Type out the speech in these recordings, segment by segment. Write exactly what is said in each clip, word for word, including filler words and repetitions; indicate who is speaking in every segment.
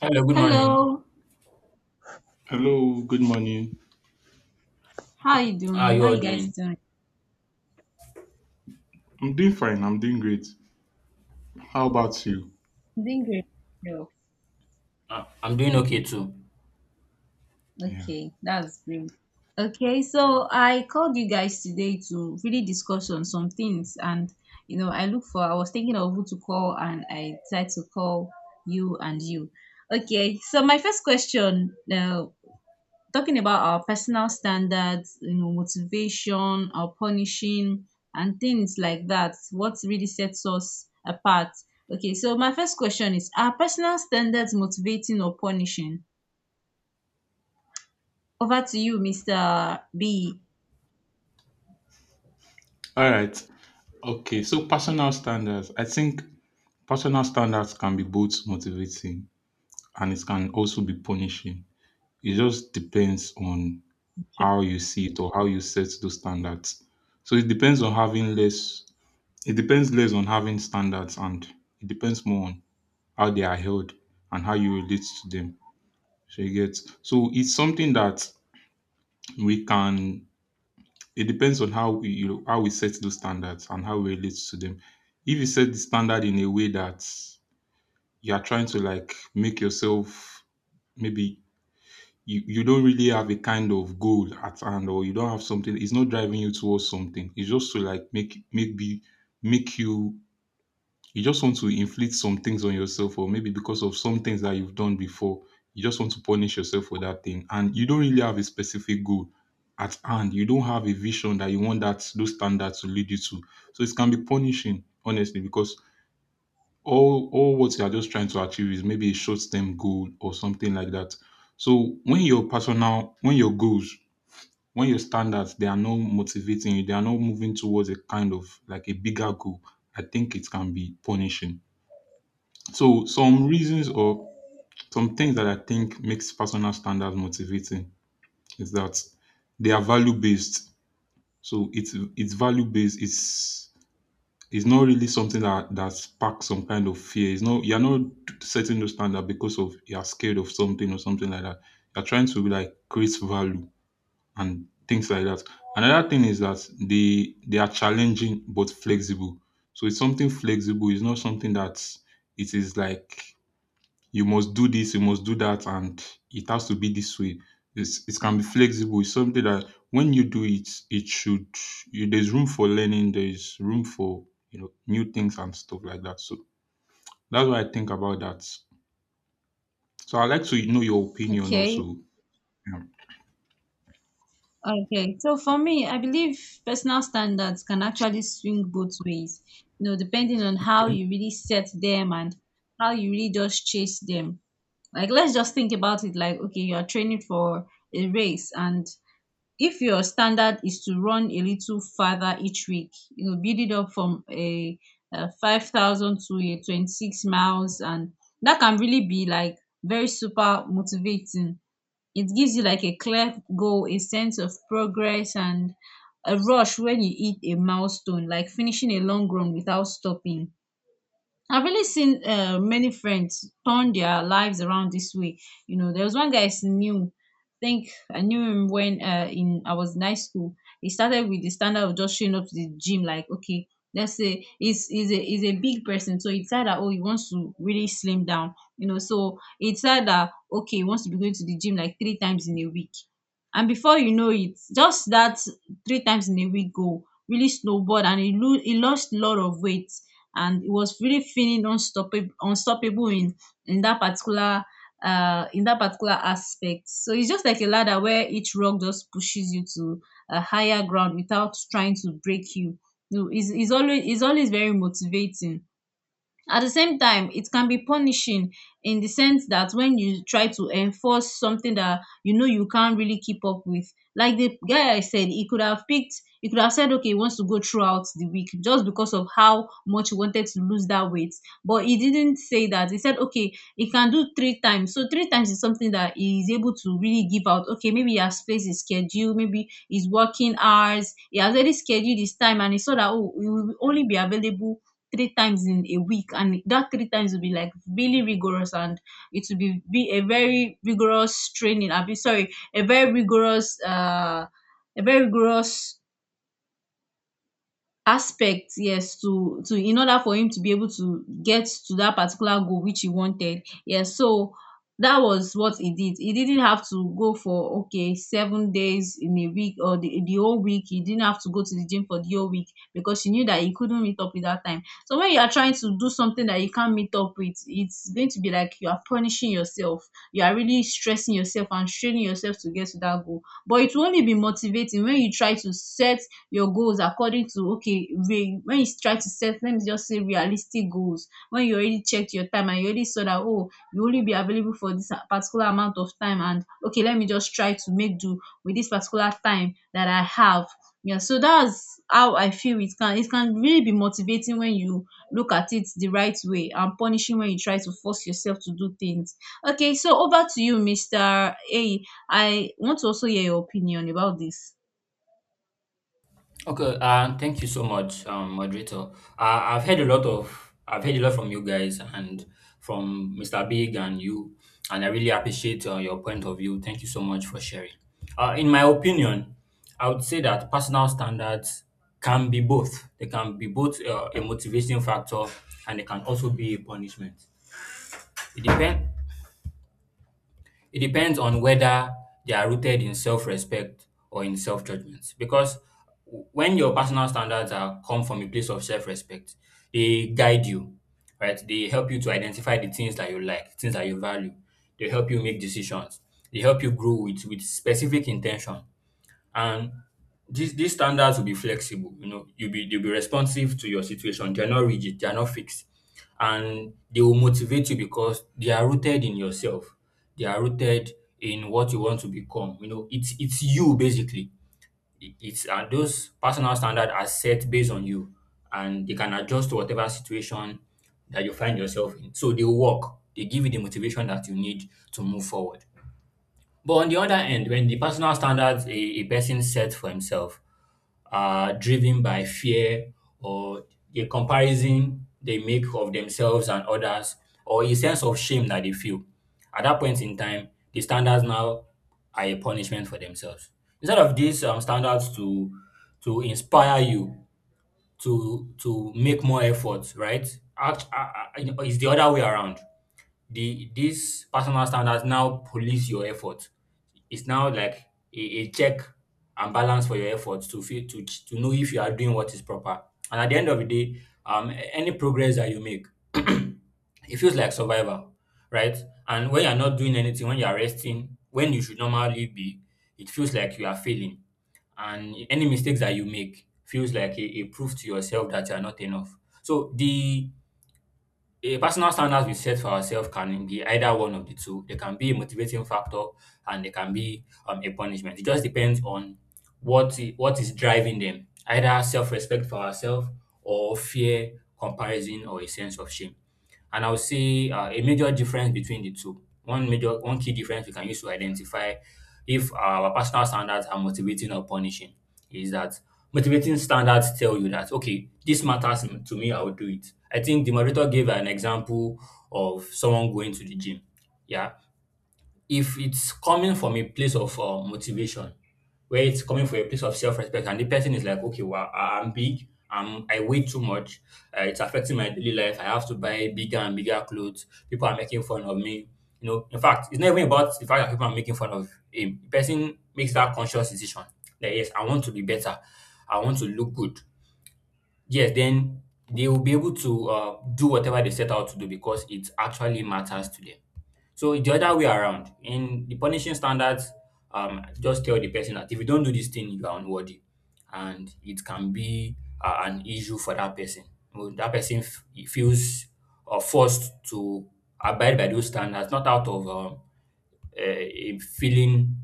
Speaker 1: Hello, good morning.
Speaker 2: Hello,
Speaker 3: Hello, good morning.
Speaker 2: how are you
Speaker 1: How are
Speaker 2: doing?
Speaker 1: you
Speaker 2: How
Speaker 1: all
Speaker 2: you guys
Speaker 1: doing?
Speaker 2: doing?
Speaker 3: I'm doing fine. I'm doing great. How about you?
Speaker 2: I'm doing great. Yo.
Speaker 1: Uh, I'm doing okay too.
Speaker 3: Yeah.
Speaker 2: Okay, that's great. Okay, so I called you guys today to really discuss on some things, and you know, I look for. I was thinking of who to call, and I decided to call you and you. Okay, so my first question, uh, talking about our personal standards, you know, motivation, our punishing, and things like that. What really sets us apart? Okay, so my first question is: Are personal standards motivating or punishing? Over to you, Mister B.
Speaker 3: All right. Okay. So, personal standards. I think personal standards can be both motivating and it can also be punishing. It just depends on
Speaker 2: Okay.
Speaker 3: how you see it or how you set those standards. So, it depends on having less, it depends less on having standards and it depends more on how they are held and how you relate to them. So, you get, so it's something that we can it depends on how we you know, how we set those standards and how we relate to them. If you set the standard in a way that you are trying to like make yourself maybe you, you don't really have a kind of goal at hand, or you don't have something, it's not driving you towards something, it's just to like make make be make you you just want to inflict some things on yourself, or maybe because of some things that you've done before, you just want to punish yourself for that thing. And you don't really have a specific goal at hand. You don't have a vision that you want that those standards to lead you to. So it can be punishing, honestly, because all all what you are just trying to achieve is maybe a short-term goal or something like that. So when your personal, when your goals, when your standards, they are not motivating you, they are not moving towards a kind of like a bigger goal. I think it can be punishing. So some reasons or some things that I think makes personal standards motivating is that they are value based. So it's it's value based. It's it's not really something that that sparks some kind of fear. It's not, you're not setting the standard because of you're scared of something or something like that. You're trying to like create value and things like that. Another thing is that they they are challenging but flexible. So it's something flexible. It's not something that it is like you must do this, you must do that, and it has to be this way. It's, it can be flexible. It's something that when you do it, it should. You, there's room for learning. There's room for you know new things and stuff like that. So that's what I think about that. So I'd like to know your opinion
Speaker 2: Okay.
Speaker 3: also. Yeah.
Speaker 2: Okay. So for me, I believe personal standards can actually swing both ways, you know, depending on how
Speaker 1: Um,
Speaker 2: you really set them and how you really just chase them. Like, let's just think about it like, okay, you are training for a race, and if your standard is to run a little farther each week, you know, build it up from a, uh five thousand to a twenty-six miles, and that can really be like very super motivating. It gives you like a clear goal, a sense of progress, and a rush when you hit a milestone, like finishing a long run without stopping. I've really seen uh, many friends turn their lives around this way. You know, there was one guy I knew. I think I knew him when uh, in I was in high school. He started with the standard of just showing up to the gym, like, okay, let's say he's he's a he's a big person, so he decided that, oh, he wants to really slim down. You know, so he decided that, okay, he wants to be going to the gym like three times in a week, and before you know it, just that three times in a week goal really snowballed, and he lo- he lost a lot of weight, and it was really feeling unstoppable unstoppable in in that particular uh in that particular aspect. So it's just like a ladder where each rock just pushes you to a higher ground without trying to break you. No, it's, it's always it's always very motivating. At the same time, it can be punishing in the sense that when you try to enforce something that you know you can't really keep up with. Like the guy I said, he could have picked, he could have said, okay, he wants to go throughout the week just because of how much he wanted to lose that weight. But he didn't say that. He said, okay, he can do three times. So three times is something that he is able to really give out. Okay, maybe he has placed his schedule, maybe his working hours. He has already scheduled his time, and he saw that, oh, he will only be available three times in a week, and that three times will be like really rigorous, and it will be, be a very rigorous training. I will be, sorry, a very rigorous uh a very rigorous aspect. Yes, to to in order for him to be able to get to that particular goal which he wanted. Yes, so that was what he did. He didn't have to go for, okay, seven days in a week, or the, the whole week. He didn't have to go to the gym for the whole week because he knew that he couldn't meet up with that time. So when you are trying to do something that you can't meet up with, it's going to be like you are punishing yourself. You are really stressing yourself and straining yourself to get to that goal, but it will only be motivating when you try to set your goals according to, okay, re- when you try to set, let me just say, realistic goals. When you already checked your time and you already saw that, oh, you only be available for this particular amount of time, and, okay, let me just try to make do with this particular time that I have. Yeah, so that's how I feel. It can it can really be motivating when you look at it the right way, and punishing when you try to force yourself to do things. Okay, so over to you, Mr. A. I want to also hear your opinion about this.
Speaker 1: Okay, uh, thank you so much, um, moderator. Uh, I've heard a lot of, I've heard a lot from you guys and from mister Big and you, and I really appreciate uh, your point of view. Thank you so much for sharing. Uh, in my opinion, I would say that personal standards can be both. They can be both uh, a motivating factor, and they can also be a punishment. It depends. It depends on whether they are rooted in self-respect or in self-judgment. Because w- when your personal standards are come from a place of self-respect, they guide you, right? They help you to identify the things that you like, things that you value. They help you make decisions. They help you grow with with specific intention. And these these standards will be flexible, you know, you'll be they'll be responsive to your situation. They're not rigid, they're not fixed. And they will motivate you because they are rooted in yourself. They are rooted in what you want to become. You know, it's it's you basically. It- It's and Those personal standards are set based on you, and they can adjust to whatever situation that you find yourself in. So they work, they give you the motivation that you need to move forward. But on the other end, when the personal standards a, a person sets for himself uh, driven by fear, or the comparison they make of themselves and others, or a sense of shame that they feel. At that point in time, the standards now are a punishment for themselves. Instead of these um, standards to to inspire you to to make more efforts, right? Act, uh, uh, it's the other way around. The these personal standards now police your effort. It's now like a a check and balance for your efforts to feel to ch- to know if you are doing what is proper. And at the end of the day, um, a- any progress that you make, it feels like survival, right? And when you're not doing anything, when you're resting, when you should normally be, it feels like you are failing. And any mistakes that you make feels like a, a proof to yourself that you are not enough. So the a personal standards we set for ourselves can be either one of the two. They can be a motivating factor, and they can be um, a punishment. It just depends on what i- what is driving them, either self-respect for ourselves, or fear, comparison, or a sense of shame. And I'll say uh, a major difference between the two. One major, one key difference we can use to identify if our personal standards are motivating or punishing is that motivating standards tell you that okay, this matters m- to me, I will do it. I think the moderator gave an example of someone going to the gym. Yeah, if it's coming from a place of uh, motivation, where it's coming from a place of self-respect, and the person is like, okay, well, I- I'm big, I'm, I weigh too much, uh, it's affecting my daily life. I have to buy bigger and bigger clothes. People are making fun of me. You know, in fact, it's not even about the fact that people are making fun of him. The person makes that conscious decision that yes, I want to be better, I want to look good. Yes, then they will be able to uh, do whatever they set out to do because it actually matters to them. So it's the other way around. In the punishing standards, um, just tell the person that if you don't do this thing, you are unworthy, and it can be uh, an issue for that person. Well, that person f- he feels uh, forced to abide by those standards, not out of um, a, a feeling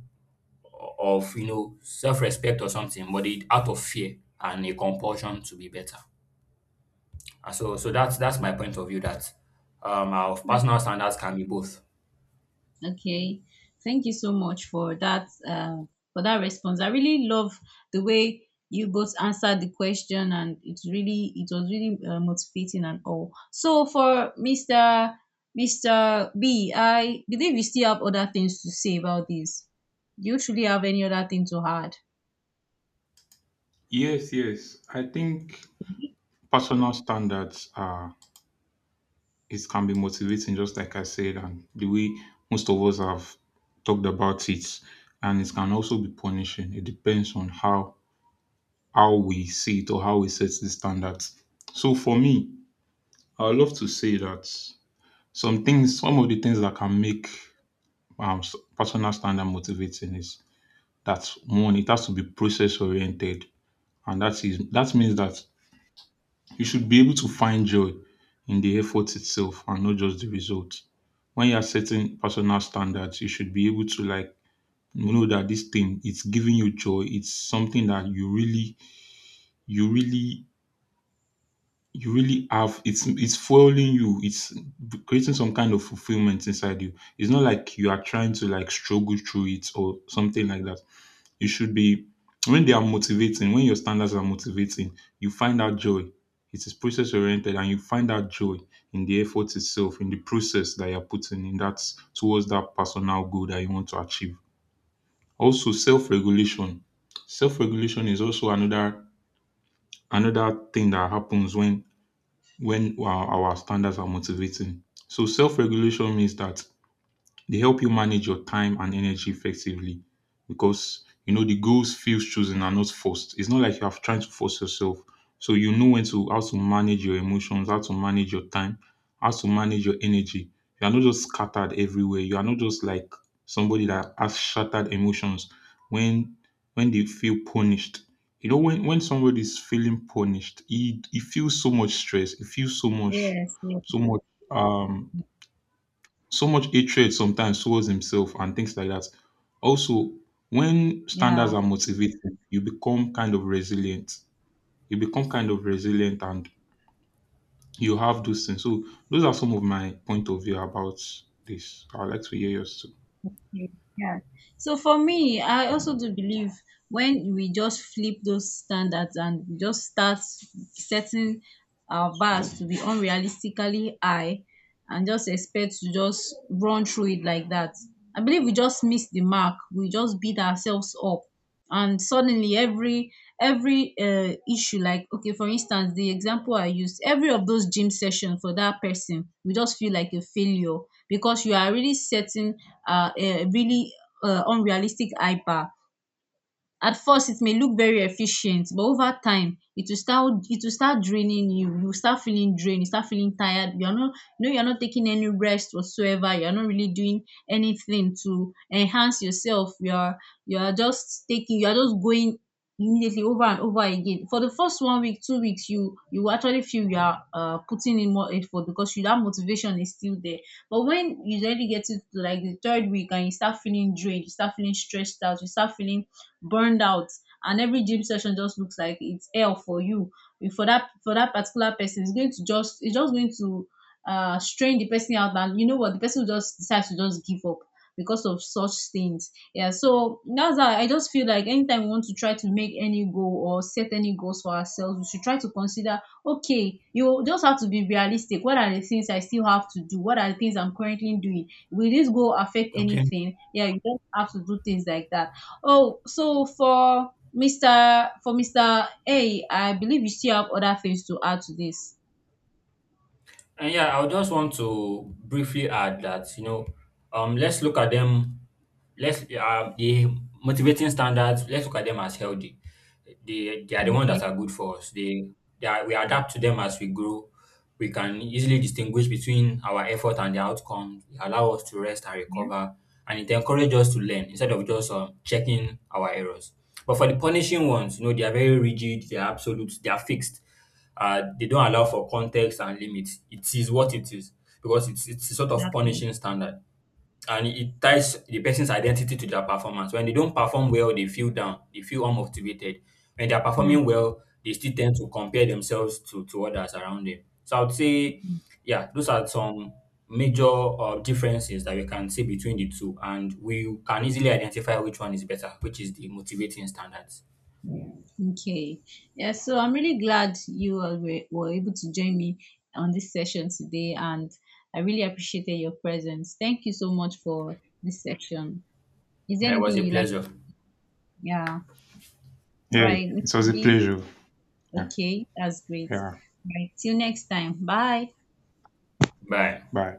Speaker 1: of, you know, self-respect or something, but it, out of fear and a compulsion to be better. And so, so that's that's my point of view. That um, our personal standards can be both.
Speaker 2: Okay, thank you so much for that uh, for that response. I really love the way you both answered the question, and it's really it was really uh, motivating and all. So for Mister Mister B, I believe you still have other things to say about this. Do you truly have any other thing to add?
Speaker 3: Yes, yes. I think personal standards are it can be motivating, just like I said, and the way most of us have talked about it. And it can also be punishing. It depends on how how we see it or how we set the standards. So for me, I would love to say that some things, some of the things that can make um, s- personal standard motivating is that one, it has to be process oriented, and that is that means that you should be able to find joy in the effort itself and not just the result. When you are setting personal standards, you should be able to like know that this thing, it's giving you joy. It's something that you really, you really You really have, it's it's fueling you. It's creating some kind of fulfillment inside you. It's not like you are trying to like struggle through it or something like that. You should be when they are motivating, when your standards are motivating, you find that joy. It is process oriented and you find that joy in the effort itself, in the process that you're putting in that towards that personal goal that you want to achieve. Also, self-regulation. Self-regulation is also another another thing that happens when when our our standards are motivating. So self regulation means that they help you manage your time and energy effectively because you know the goals feels chosen and not forced. It's not like you are trying to force yourself. So you know when to how to manage your emotions, how to manage your time, how to manage your energy. You are not just scattered everywhere. You are not just like somebody that has shattered emotions when when they feel punished. You know, when, when somebody is feeling punished, he, he feels so much stress, he feels so much
Speaker 2: Yes. Yes.
Speaker 3: so much um so much hatred sometimes towards himself and things like that. Also, when standards
Speaker 2: Yeah.
Speaker 3: are motivating, you become kind of resilient. You become kind of resilient and you have those things. So those are some of my point of view about this. I'd like to hear yours too.
Speaker 2: Okay, yeah. So for me, I also do believe, when we just flip those standards and we just start setting our bars to be unrealistically high and just expect to just run through it like that, I believe we just miss the mark. We just beat ourselves up. And suddenly, every every uh, issue, like, okay, for instance, the example I used, every of those gym session for that person, we just feel like a failure because you are really setting uh, uh, really uh, unrealistic I P A. At first, it may look very efficient, but over time it will start it will start draining you. You will start feeling drained, you start feeling tired. You are not you know you are not taking any rest whatsoever. You are not really doing anything to enhance yourself. You are you are just taking you are just going immediately, over and over again. For the first one week, two weeks, you you will actually feel you are uh, putting in more effort because you, that motivation is still there. But when you really get it to like the third week, and you start feeling drained, you start feeling stressed out, you start feeling burned out, and every gym session just looks like it's hell for you. If, for that for that particular person, it's going to just, it's just going to uh strain the person out, and you know what, the person will just decides to just give up because of such things. Yeah, so that's how I just feel. Like, anytime we want to try to make any goal or set any goals for ourselves, we should try to consider, okay, you just have to be realistic. What are the things I still have to do? What are the things I'm currently doing? Will this goal affect
Speaker 1: Okay.
Speaker 2: anything? Yeah, you don't have to do things like that. Oh, so for Mister for Mister A, I believe you still have other things to add to this.
Speaker 1: And yeah, I would just want to briefly add that, you know, um, let's look at them, let's, uh, the motivating standards, let's look at them as healthy. They, they are the ones that
Speaker 2: Okay.
Speaker 1: are good for us. They, they are, we adapt to them as we grow. We can easily distinguish between our effort and the outcome. They allow us to rest and
Speaker 2: Yeah,
Speaker 1: recover, and it encourages us to learn instead of just um, checking our errors. But for the punishing ones, you know, they are very rigid, they are absolute, they are fixed, uh, they don't allow for context and limits. It is what it is because it's it's a sort of
Speaker 2: that one.
Speaker 1: punishing standard, and it ties the person's identity to their performance. When they don't perform well, they feel down, they feel unmotivated. When they are performing
Speaker 2: Hmm.
Speaker 1: well, they still tend to compare themselves to to others around them. So I would say, yeah, those are some major uh, differences that we can see between the two, and we can easily identify which one is better, which is the motivating standards.
Speaker 2: Okay. Yeah, so I'm really glad you are- were were able to join me on this session today, and I really appreciated your presence. Thank you so much for this session. Is there
Speaker 1: Yeah, it was
Speaker 2: anything
Speaker 1: a
Speaker 2: you like?
Speaker 1: pleasure.
Speaker 2: Yeah. All
Speaker 3: Yeah,
Speaker 2: right.
Speaker 3: it
Speaker 2: Mister
Speaker 3: was a
Speaker 2: B.
Speaker 3: pleasure. Yeah,
Speaker 2: Okay. That's great.
Speaker 3: yeah.
Speaker 2: All right. Till next time. Bye.
Speaker 1: Bye.
Speaker 3: Bye.